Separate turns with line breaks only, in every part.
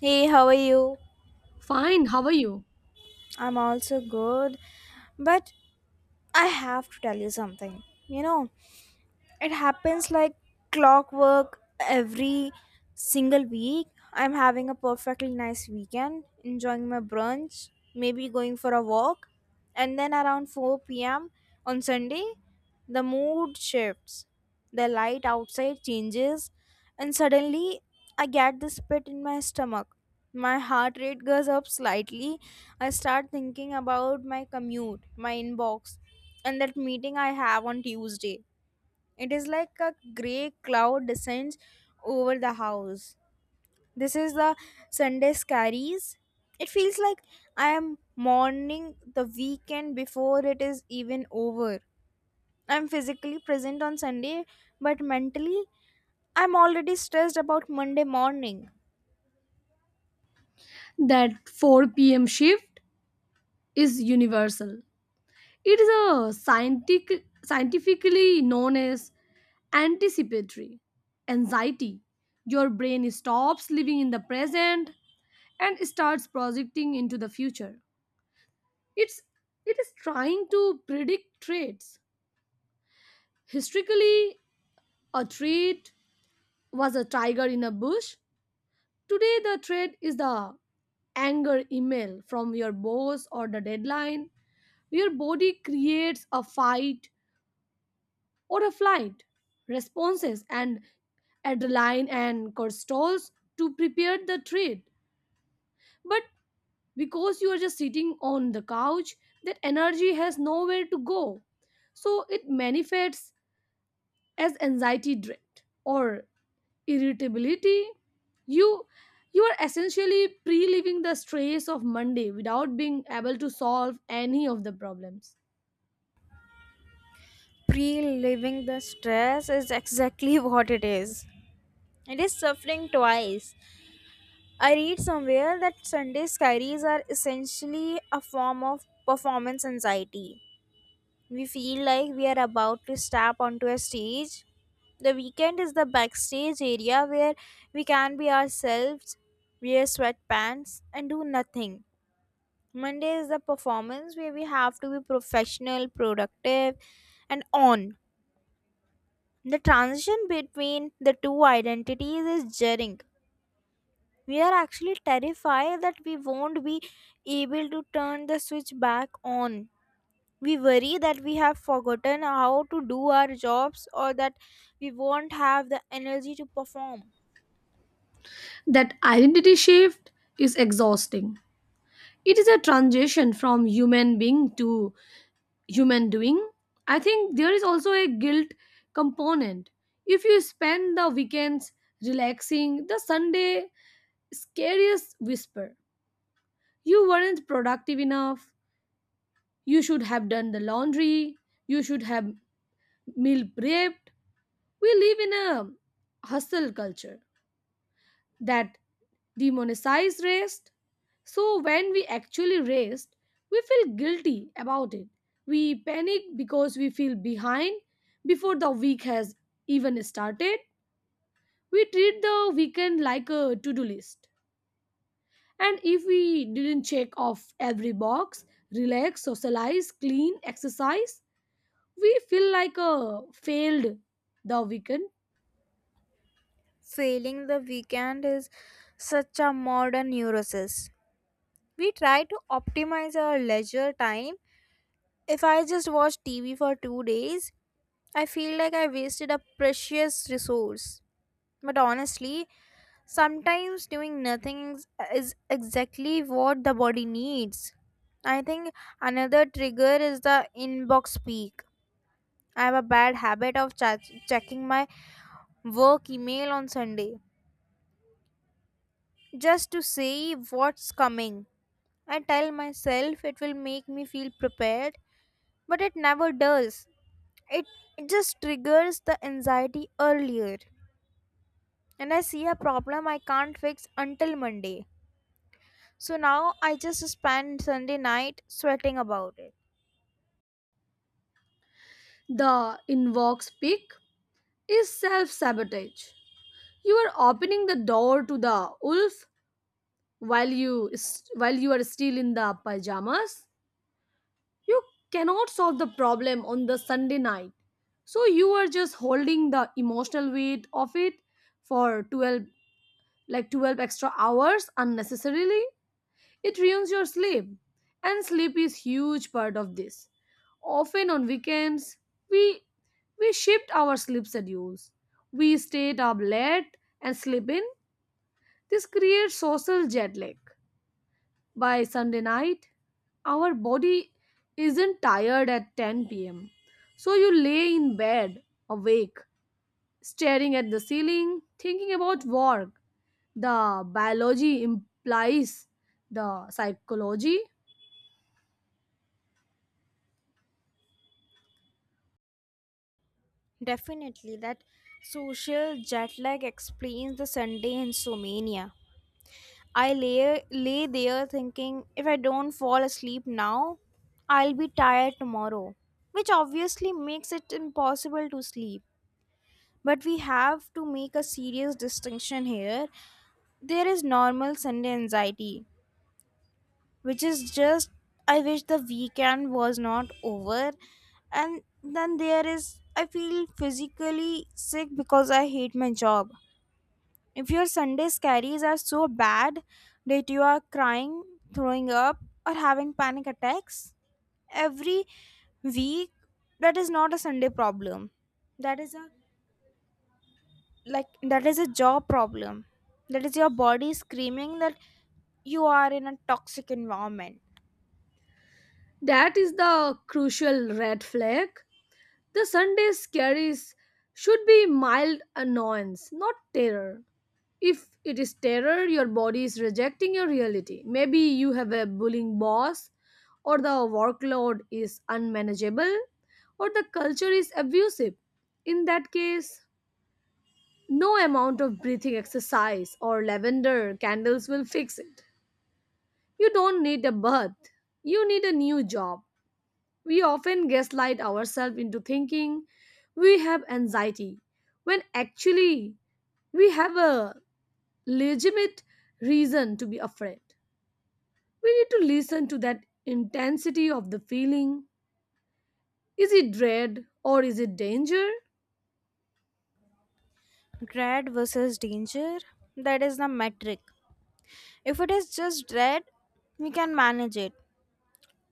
Hey, how are you?
Fine, how are you?
I'm also good, but I have to tell you something. You know, It happens like clockwork every single week. I'm having a perfectly nice weekend, enjoying my brunch, maybe going for a walk, and then around 4 p.m. on Sunday, the mood shifts. The light outside changes, and suddenly I get this pit in my stomach. My heart rate goes up slightly. I start thinking about my commute, my inbox, and that meeting I have on Tuesday. It is like a grey cloud descends over the house. This is the Sunday scaries. It feels like I am mourning the weekend before it is even over. I'm physically present on Sunday, but mentally, I'm already stressed about Monday morning.
That 4 p.m. shift is universal. It is a scientifically known as anticipatory anxiety. Your brain stops living in the present and starts projecting into the future. It's it is trying to predict traits. Historically, a trait was a tiger in a bush. Today the trait is the anger email from your boss or the deadline. Your body creates a fight or a flight responses and adrenaline and cortisols to prepare the treat. But because you are just sitting on the couch, that energy has nowhere to go. So it manifests as anxiety dread or irritability. You you are essentially pre-living the stress of Monday without being able to solve any of the problems.
Pre living the stress is exactly what it is. It is suffering twice. I read somewhere that Sunday scaries are essentially a form of performance anxiety. We feel like we are about to step onto a stage. The weekend is the backstage area where we can be ourselves, wear sweatpants, and do nothing. Monday is the performance where we have to be professional, productive, and on. The transition between the two identities is jarring. We are actually terrified that we won't be able to turn the switch back on. We worry that we have forgotten how to do our jobs or that we won't have the energy to perform.
That identity shift is exhausting. It is a transition from human being to human doing. I think there is also a guilt component. If you spend the weekends relaxing, the Sunday scariest whisper. You weren't productive enough. You should have done the laundry. You should have meal prepped. We live in a hustle culture that demonizes rest. So when we actually rest, we feel guilty about it. We panic because we feel behind before the week has even started. We treat the weekend like a to-do list. And if we didn't check off every box, relax, socialize, clean, exercise, we feel like a failed the weekend.
Failing the weekend is such a modern neurosis. We try to optimize our leisure time. If I just watch TV for 2 days, I feel like I wasted a precious resource. But honestly, sometimes doing nothing is exactly what the body needs. I think another trigger is the inbox peak. I have a bad habit of checking my work email on Sunday just to see what's coming. I tell myself it will make me feel prepared, but it never does. It, it just triggers the anxiety earlier. And I see a problem I can't fix until Monday. So now I just spend Sunday night sweating about it.
The inbox pick is self-sabotage. You are opening the door to the wolf while you are still in the pajamas. You cannot solve the problem on the Sunday night, so you are just holding the emotional weight of it for 12 extra hours unnecessarily. It ruins your sleep, and sleep is huge part of this. Often on weekends we we shift our sleep schedules. We stayed up late and sleep in. This creates social jet lag. By Sunday night, our body isn't tired at 10 pm. So you lay in bed, awake, staring at the ceiling, thinking about work. The biology implies the psychology.
Definitely, that social jet lag explains the Sunday insomnia. I lay there thinking, if I don't fall asleep now, I'll be tired tomorrow, which obviously makes it impossible to sleep. But we have to make a serious distinction here. There is normal Sunday anxiety, which is just, I wish the weekend was not over. And then there is, I feel physically sick because I hate my job. If your Sunday scaries are so bad that you are crying, throwing up, or having panic attacks every week, that is not a Sunday problem. That is a that is a job problem. That is your body screaming that you are in a toxic environment.
That is the crucial red flag. The Sunday scaries should be mild annoyance, not terror. If it is terror, your body is rejecting your reality. Maybe you have a bullying boss, or the workload is unmanageable, or the culture is abusive. In that case, no amount of breathing exercise or lavender candles will fix it. You don't need a bath, you need a new job. We often gaslight ourselves into thinking we have anxiety when actually we have a legitimate reason to be afraid. We need to listen to that intensity of the feeling. Is it dread or is it danger?
Dread versus danger, that is the metric. If it is just dread, we can manage it.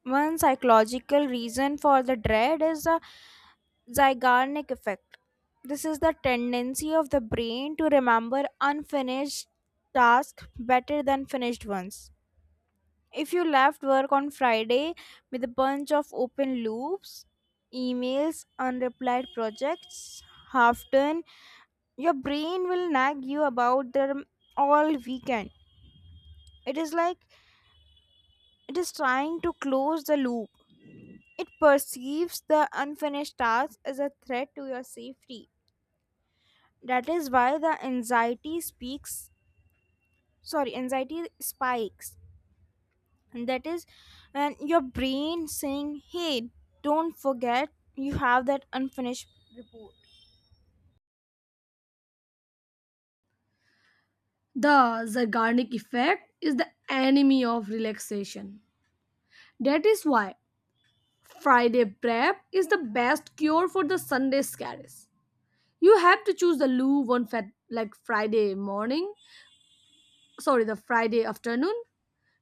One psychological reason for the dread is the Zeigarnik effect. This is the tendency of the brain to remember unfinished tasks better than finished ones. If you left work on Friday with a bunch of open loops, emails, unreplied projects, half done, your brain will nag you about them all weekend. It is like it is trying to close the loop. It perceives the unfinished task as a threat to your safety. That is why the anxiety spikes. And that is when your brain saying, hey, don't forget you have that unfinished report.
The Zeigarnik effect is the enemy of relaxation. That is why Friday prep is the best cure for the Sunday scares. You have to choose the loo one fat like Friday morning, sorry, the Friday afternoon.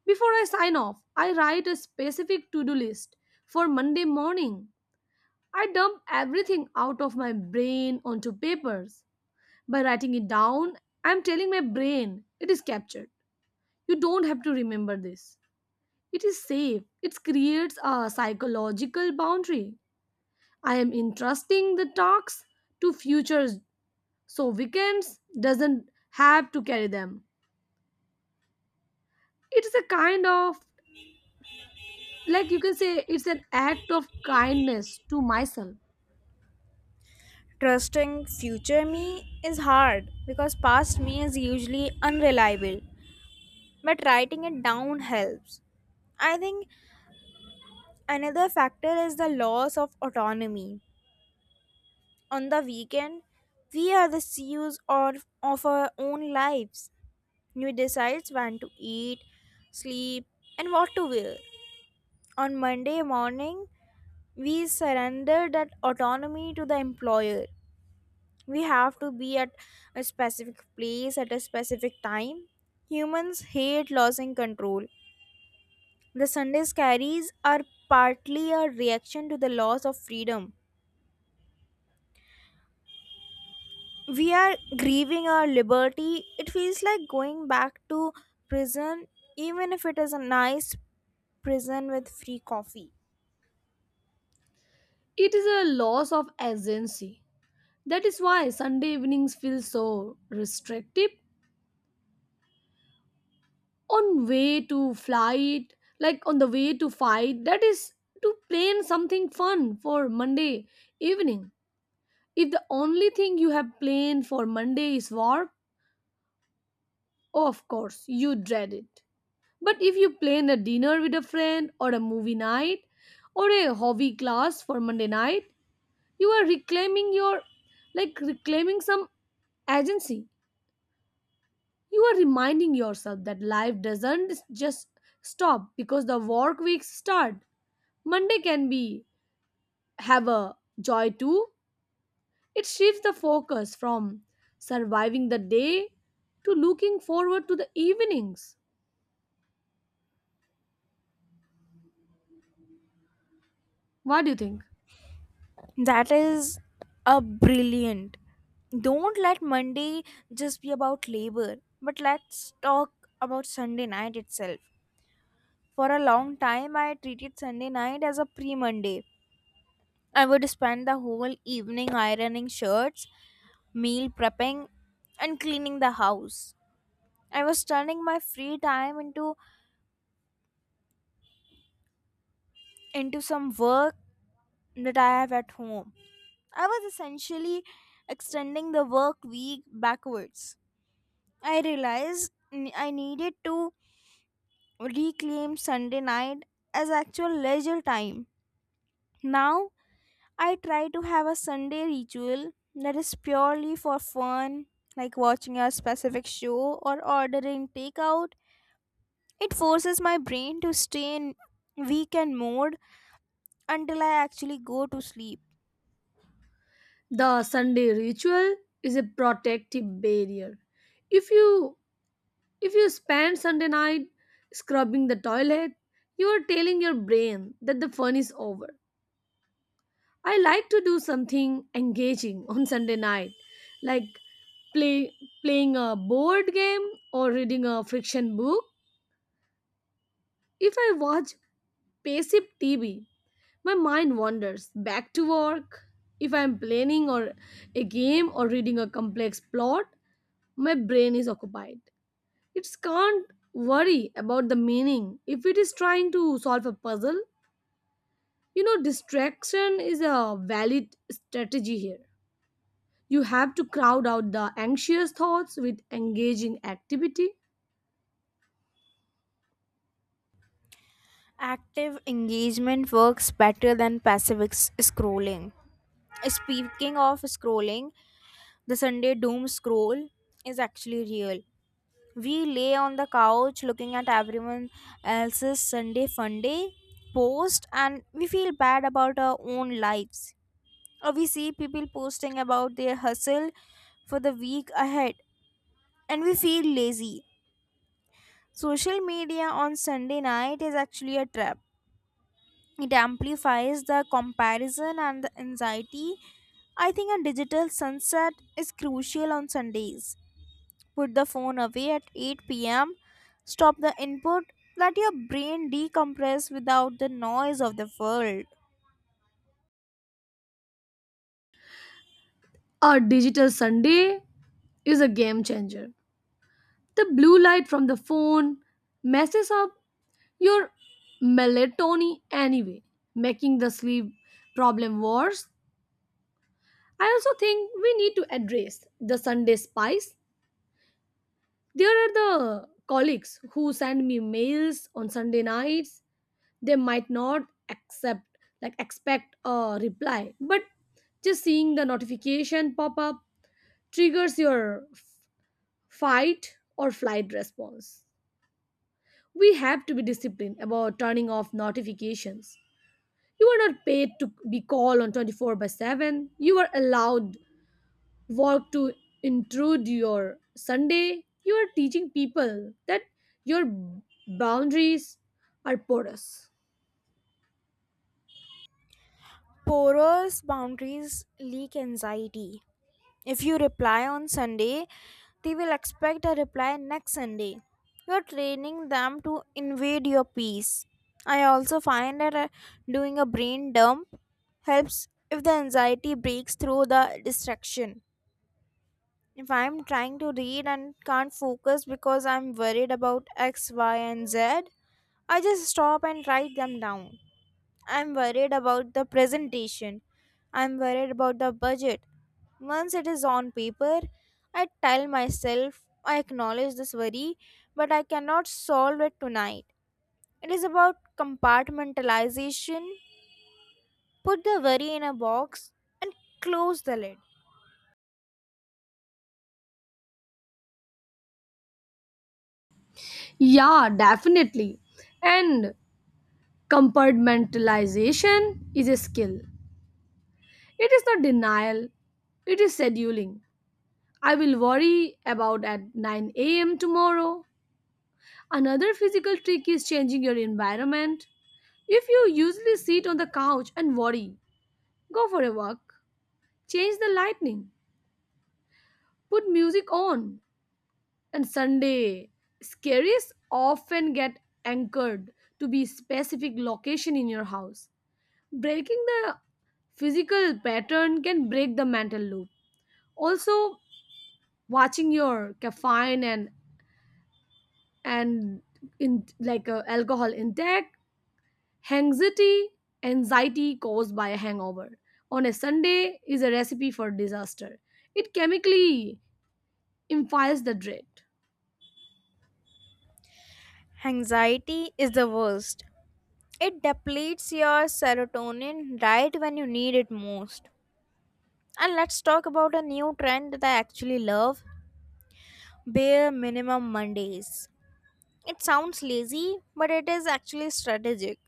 Before I sign off, I write a specific to-do list for Monday morning. I dump everything out of my brain onto papers. By writing it down, I'm telling my brain it is captured. You don't have to remember this. It is safe. It creates a psychological boundary. I am entrusting the tasks to futures so weekends doesn't have to carry them. It is a kind of like you can say it's an act of kindness to myself.
Trusting future me is hard because past me is usually unreliable, but writing it down helps. I think another factor is the loss of autonomy. On the weekend, we are the CEOs of our own lives. We decide when to eat, sleep, and what to wear. On Monday morning, we surrender that autonomy to the employer. We have to be at a specific place at a specific time. Humans hate losing control. The Sunday carries are partly a reaction to the loss of freedom. We are grieving our liberty. It feels like going back to prison, even if it is a nice prison with free coffee.
It is a loss of agency. That is why Sunday evenings feel so restrictive. On way to flight, on the way to fight, that is to plan something fun for Monday evening. If the only thing you have planned for Monday is work, oh, of course you dread it. But if you plan a dinner with a friend or a movie night or a hobby class for Monday night, you are reclaiming your like reclaiming some agency. You are reminding yourself that life doesn't just stop because the work weeks start. Monday can be have a joy too. It shifts the focus from surviving the day to looking forward to the evenings. What do you think?
That is a brilliant. Don't let Monday just be about labor, but let's talk about Sunday night itself. For a long time, I treated Sunday night as a pre Monday. I would spend the whole evening ironing shirts, meal prepping, and cleaning the house. I was turning my free time into some work that I have at home. I was essentially extending the work week backwards. I needed to reclaim Sunday night as actual leisure time. Now I try to have a Sunday ritual that is purely for fun, like watching a specific show or ordering takeout. It forces my brain to stay in weekend mode until I actually go to sleep.
The Sunday ritual is a protective barrier. If you if you spend Sunday night scrubbing the toilet, you are telling your brain that the fun is over. I like to do something engaging on Sunday night, like play, playing a board game or reading a fiction book. If I watch passive TV, my mind wanders back to work. If I'm planning or a game or reading a complex plot, my brain is occupied. It can't worry about the meaning if it is trying to solve a puzzle. You know, distraction is a valid strategy here. You have to crowd out the anxious thoughts with engaging activity.
Active engagement works better than passive scrolling. Speaking of scrolling, the Sunday doom scroll is actually real. We lay on the couch looking at everyone else's Sunday fun day post and we feel bad about our own lives. Or we see people posting about their hustle for the week ahead and we feel lazy. Social media on Sunday night is actually a trap. It amplifies the comparison and the anxiety. I think a digital sunset is crucial on Sundays. Put the phone away at 8 p.m. Stop the input. Let your brain decompress without the noise of the world.
A digital Sunday is a game changer. The blue light from the phone messes up your melatonin anyway, making the sleep problem worse. I also think we need to address the Sunday spice. There are the colleagues who send me mails on Sunday nights. They might not accept like expect a reply, but just seeing the notification pop up triggers your fight or flight response. We have to be disciplined about turning off notifications. You are not paid to be called on 24 by 7. You are allowed work to intrude your Sunday. You are teaching people that your boundaries are porous.
Porous boundaries leak anxiety. If you reply on Sunday, they will expect a reply next Sunday. You are training them to invade your peace. I also find that doing a brain dump helps if the anxiety breaks through the distraction. If I'm trying to read and can't focus because I'm worried about X, Y, and Z, I just stop and write them down. I'm worried about the presentation. I'm worried about the budget. Once it is on paper, I tell myself I acknowledge this worry, but I cannot solve it tonight. It is about compartmentalization. Put the worry in a box and close the lid.
Yeah, definitely. And compartmentalization is a skill. It is not denial, it is scheduling. I will worry about at 9 a.m. tomorrow. Another physical trick is changing your environment. If you usually sit on the couch and worry, go for a walk. Change the lighting. Put music on. And Sunday, scaries often get anchored to be specific location in your house. Breaking the physical pattern can break the mental loop. Also watching your caffeine and in like alcohol intake. Anxiety anxiety caused by a hangover on a Sunday is a recipe for disaster. It chemically infiles the dread.
Anxiety is the worst. It depletes your serotonin right when you need it most. And let's talk about a new trend that I actually love: bare minimum Mondays. It sounds lazy, but it is actually strategic.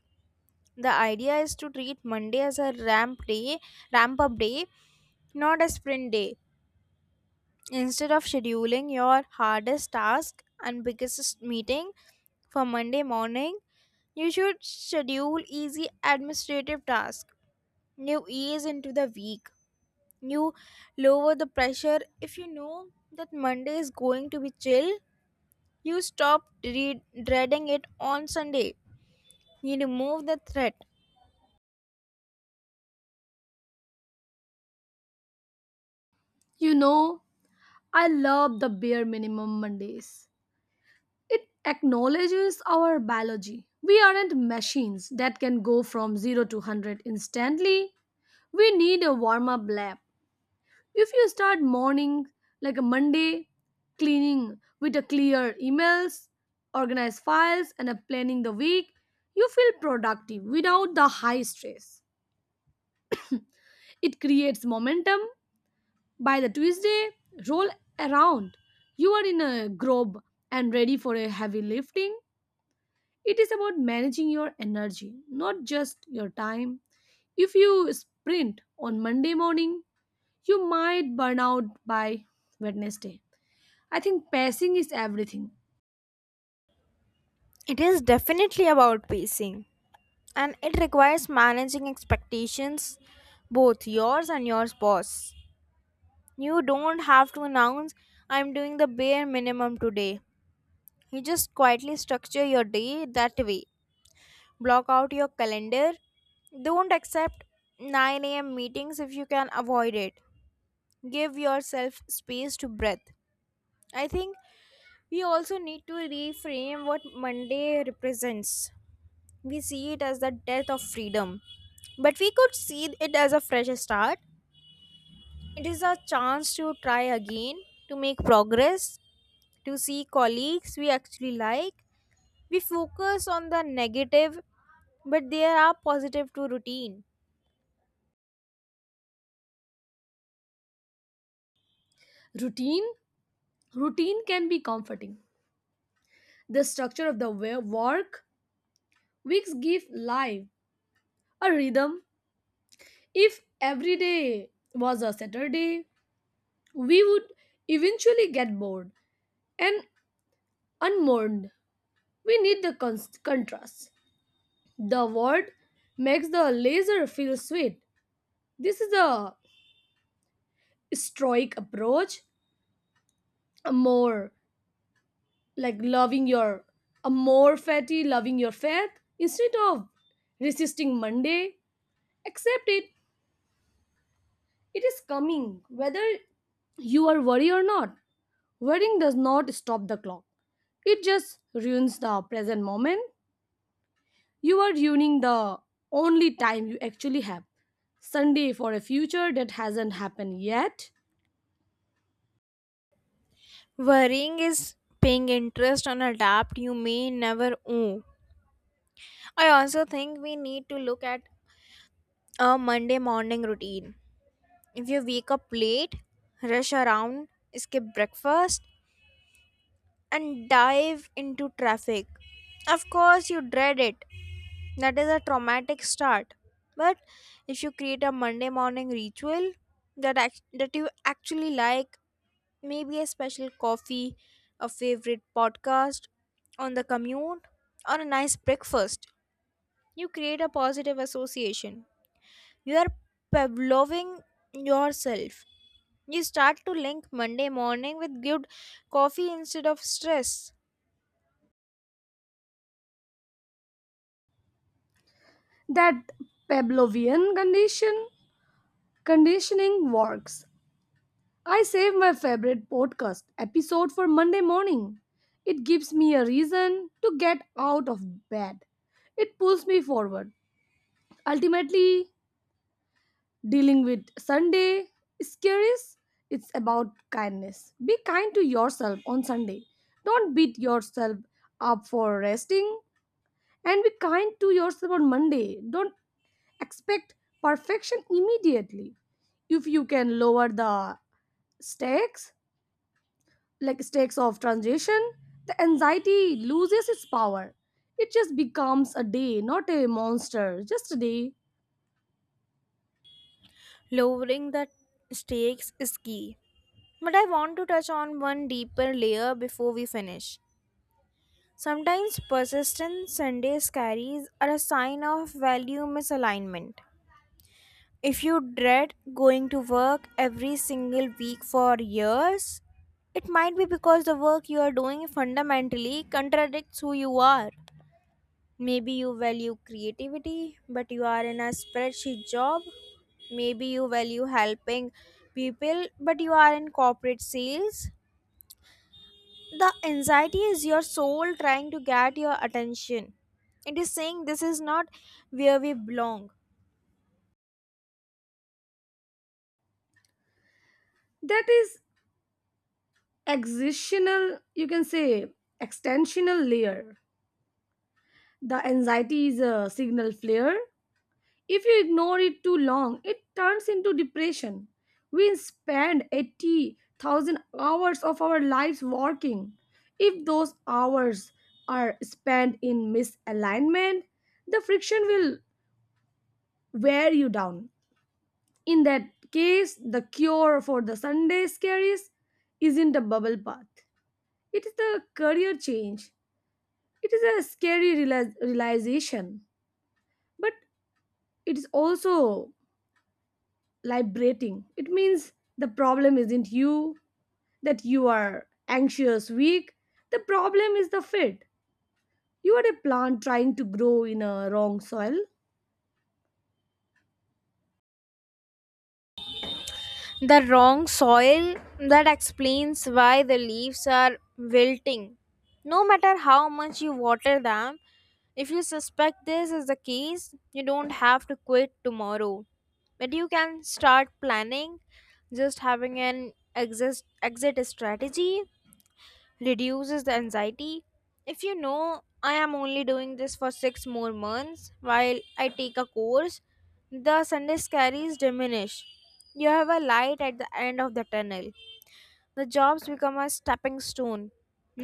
The idea is to treat Monday as a ramp up day, not a sprint day. Instead of scheduling your hardest task and biggest meeting for Monday morning, you should schedule easy administrative tasks. You ease into the week. You lower the pressure if you know that Monday is going to be chill. You stop dreading it on Sunday. You remove the threat.
you know I love the bare minimum Mondays. It acknowledges our biology. We aren't machines that can go from 0 to 100 instantly. We need a warm up lap. If you start morning like a Monday cleaning with a clear emails, organized files and a planning the week, you feel productive without the high stress. It creates momentum. By the Tuesday, roll around. You are in a groove and ready for a heavy lifting. It is about managing your energy, not just your time. If you sprint on Monday morning, you might burn out by Wednesday. I think pacing is everything.
It is definitely about pacing and it requires managing expectations, both yours and your boss. You don't have to announce, I'm doing the bare minimum today. You just quietly structure your day that way. Block out your calendar. Don't accept 9 a.m. meetings if you can avoid it. Give yourself space to breathe. I think we also need to reframe what Monday represents. We see it as the death of freedom, but we could see it as a fresh start. It is a chance to try again, to make progress, to see colleagues we actually like. We focus on the negative, but there are positive to routine.
Routine, routine can be comforting. The structure of the work weeks give life a rhythm. If every day was a Saturday, we would eventually get bored and unmourned. We need the contrast. The word makes the laser feel sweet. This is a stoic approach, a more like loving your a more fatty loving your fat instead of resisting Monday. Accept It is coming whether you are worried or not. Worrying does not stop the clock. It just ruins the present moment. You are ruining the only time you actually have, Sunday, for a future that hasn't happened yet.
Worrying is paying interest on a debt you may never owe. I also think we need to look at a Monday morning routine. If you wake up late, rush around, skip breakfast, and dive into traffic. Of course, you dread it. That is a traumatic start. But if you create a Monday morning ritual that you actually like, maybe a special coffee, a favorite podcast on the commute, or a nice breakfast, you create a positive association. You are Pavloving yourself. You start to link Monday morning with good coffee instead of stress.
That Pavlovian conditioning works. I save my favorite podcast episode for Monday morning. It gives me a reason to get out of bed. It pulls me forward. Ultimately, dealing with Sunday scaries, it's about kindness. Be kind to yourself on Sunday. Don't beat yourself up for resting, and be kind to yourself on Monday. Don't expect perfection immediately. If you can lower the stakes like stakes of transition, the anxiety loses its power. It just becomes a day, not a monster, just a day.
Lowering the stakes is key. But I want to touch on one deeper layer before we finish. Sometimes persistent Sunday scaries are a sign of value misalignment. If you dread going to work every single week for years, it might be because the work you are doing fundamentally contradicts who you are. Maybe you value creativity, but you are in a spreadsheet job. Maybe you value helping people, but you are in corporate sales. The anxiety is your soul trying to get your attention. It is saying this is not where we belong.
That is existential, you can say, extensional layer. The anxiety is a signal flare. If you ignore it too long, it turns into depression. We spend 80,000 hours of our lives working. If those hours are spent in misalignment, the friction will wear you down. In that case, the cure for the Sunday scaries isn't a bubble bath. It is the career change. It is a scary realization, but it is also liberating. It means the problem isn't you, that you are anxious, weak. The problem is the fit. You are a plant trying to grow in a wrong soil.
The wrong soil that explains why the leaves are wilting. No matter how much you water them, if you suspect this is the case, you don't have to quit tomorrow. But you can start planning. Just having an exit strategy reduces the anxiety. If you know I am only doing this for 6 more months while I take a course, the Sunday scaries diminish. You have a light at the end of the tunnel. The jobs become a stepping stone,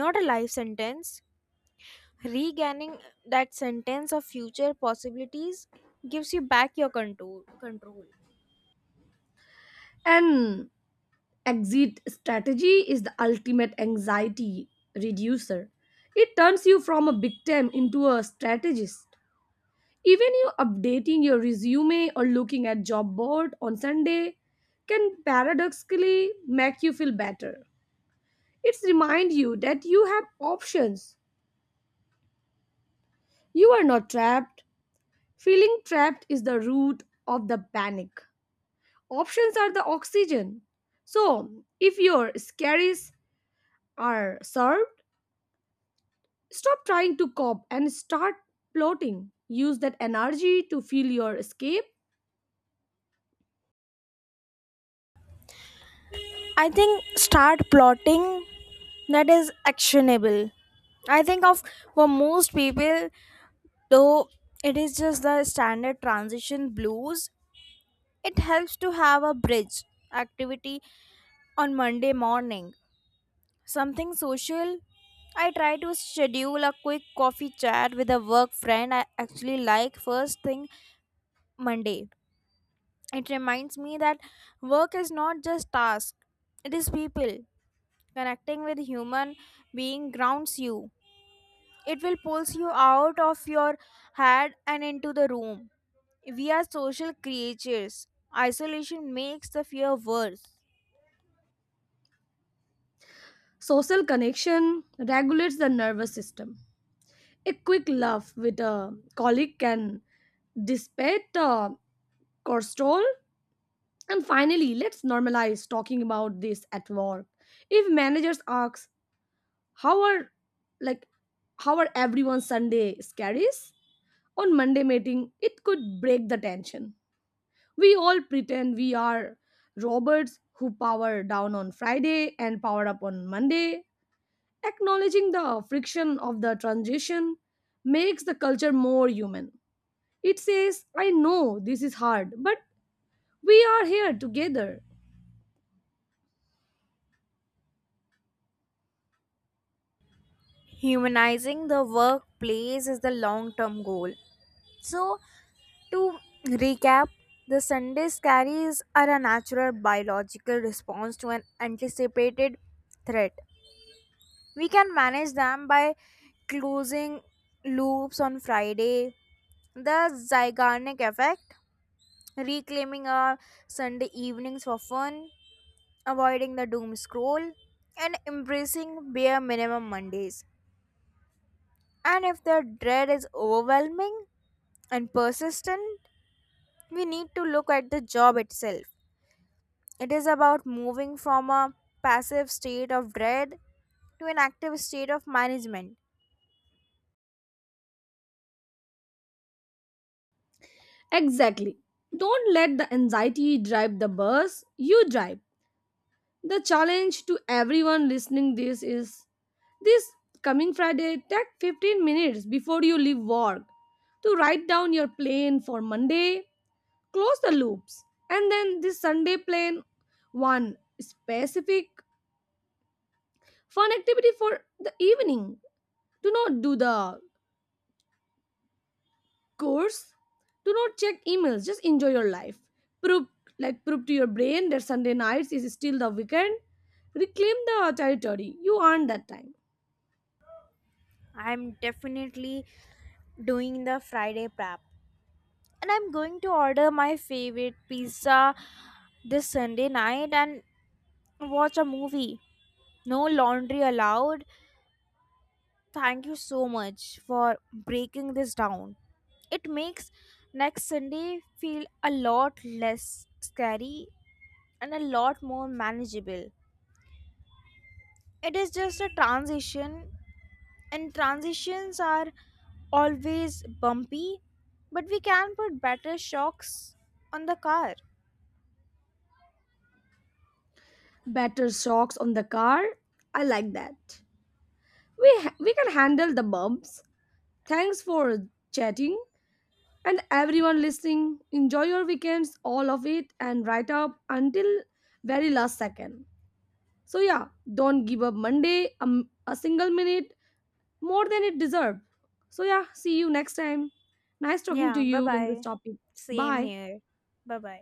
not a life sentence. Regaining that sentence of future possibilities gives you back your control.
And exit strategy is the ultimate anxiety reducer. It turns you from a victim into a strategist. Even you updating your resume or looking at job board on Sunday can paradoxically make you feel better. It's remind you that you have options. You are not trapped. Feeling trapped is the root of the panic. Options are the oxygen. So, if your scaries are served, stop trying to cope and start plotting. Use that energy to fuel your escape.
I think start plotting, that is actionable. I think of, for most people, though, it is just the standard transition blues, it helps to have a bridge activity on Monday morning. Something social. I try to schedule a quick coffee chat with a work friend I actually like first thing Monday. It reminds me that work is not just task, it is people. Connecting with human being grounds you. It will pulls you out of your head and into the room. We are social creatures. Isolation makes the fear worse.
Social connection regulates the nervous system. A quick laugh with a colleague can dissipate cortisol. And finally, let's normalize talking about this at work. If managers ask, "How are like how are everyone's Sunday scaries?" On Monday meeting, it could break the tension. We all pretend we are robots who power down on Friday and power up on Monday. Acknowledging the friction of the transition makes the culture more human. It says, I know this is hard, but we are here together.
Humanizing the workplace is the long term goal. So, to recap, the Sunday scaries are a natural biological response to an anticipated threat. We can manage them by closing loops on Friday, the Zygarnik effect, reclaiming our Sunday evenings for fun, avoiding the doom scroll, and embracing bare minimum Mondays. And if the dread is overwhelming and persistent, we need to look at the job itself. It is about moving from a passive state of dread to an active state of management.
Exactly. Don't let the anxiety drive the bus, you drive. The challenge to everyone listening this is, this coming Friday, take 15 minutes before you leave work to write down your plan for Monday, close the loops, and then this Sunday plan one specific fun activity for the evening. Do not do the course. Do not check emails. Just enjoy your life. Prove prove to your brain that Sunday nights is still the weekend. Reclaim the territory. You earned that time.
I'm definitely doing the Friday prep. And I'm going to order my favorite pizza this Sunday night and watch a movie. No laundry allowed. Thank you so much for breaking this down. It makes next Sunday feel a lot less scary and a lot more manageable. It is just a transition, and transitions are always bumpy, but we can put better shocks on the car.
Better shocks on the car. I like that. We can handle the bumps. Thanks for chatting, and everyone listening, enjoy your weekends, all of it, and write up until very last second. So yeah, don't give up Monday a single minute more than it deserved. So yeah, see you next time. Nice talking to
Yeah, bye
you in this
bye.
topic.
Same
Bye.
here. Bye bye.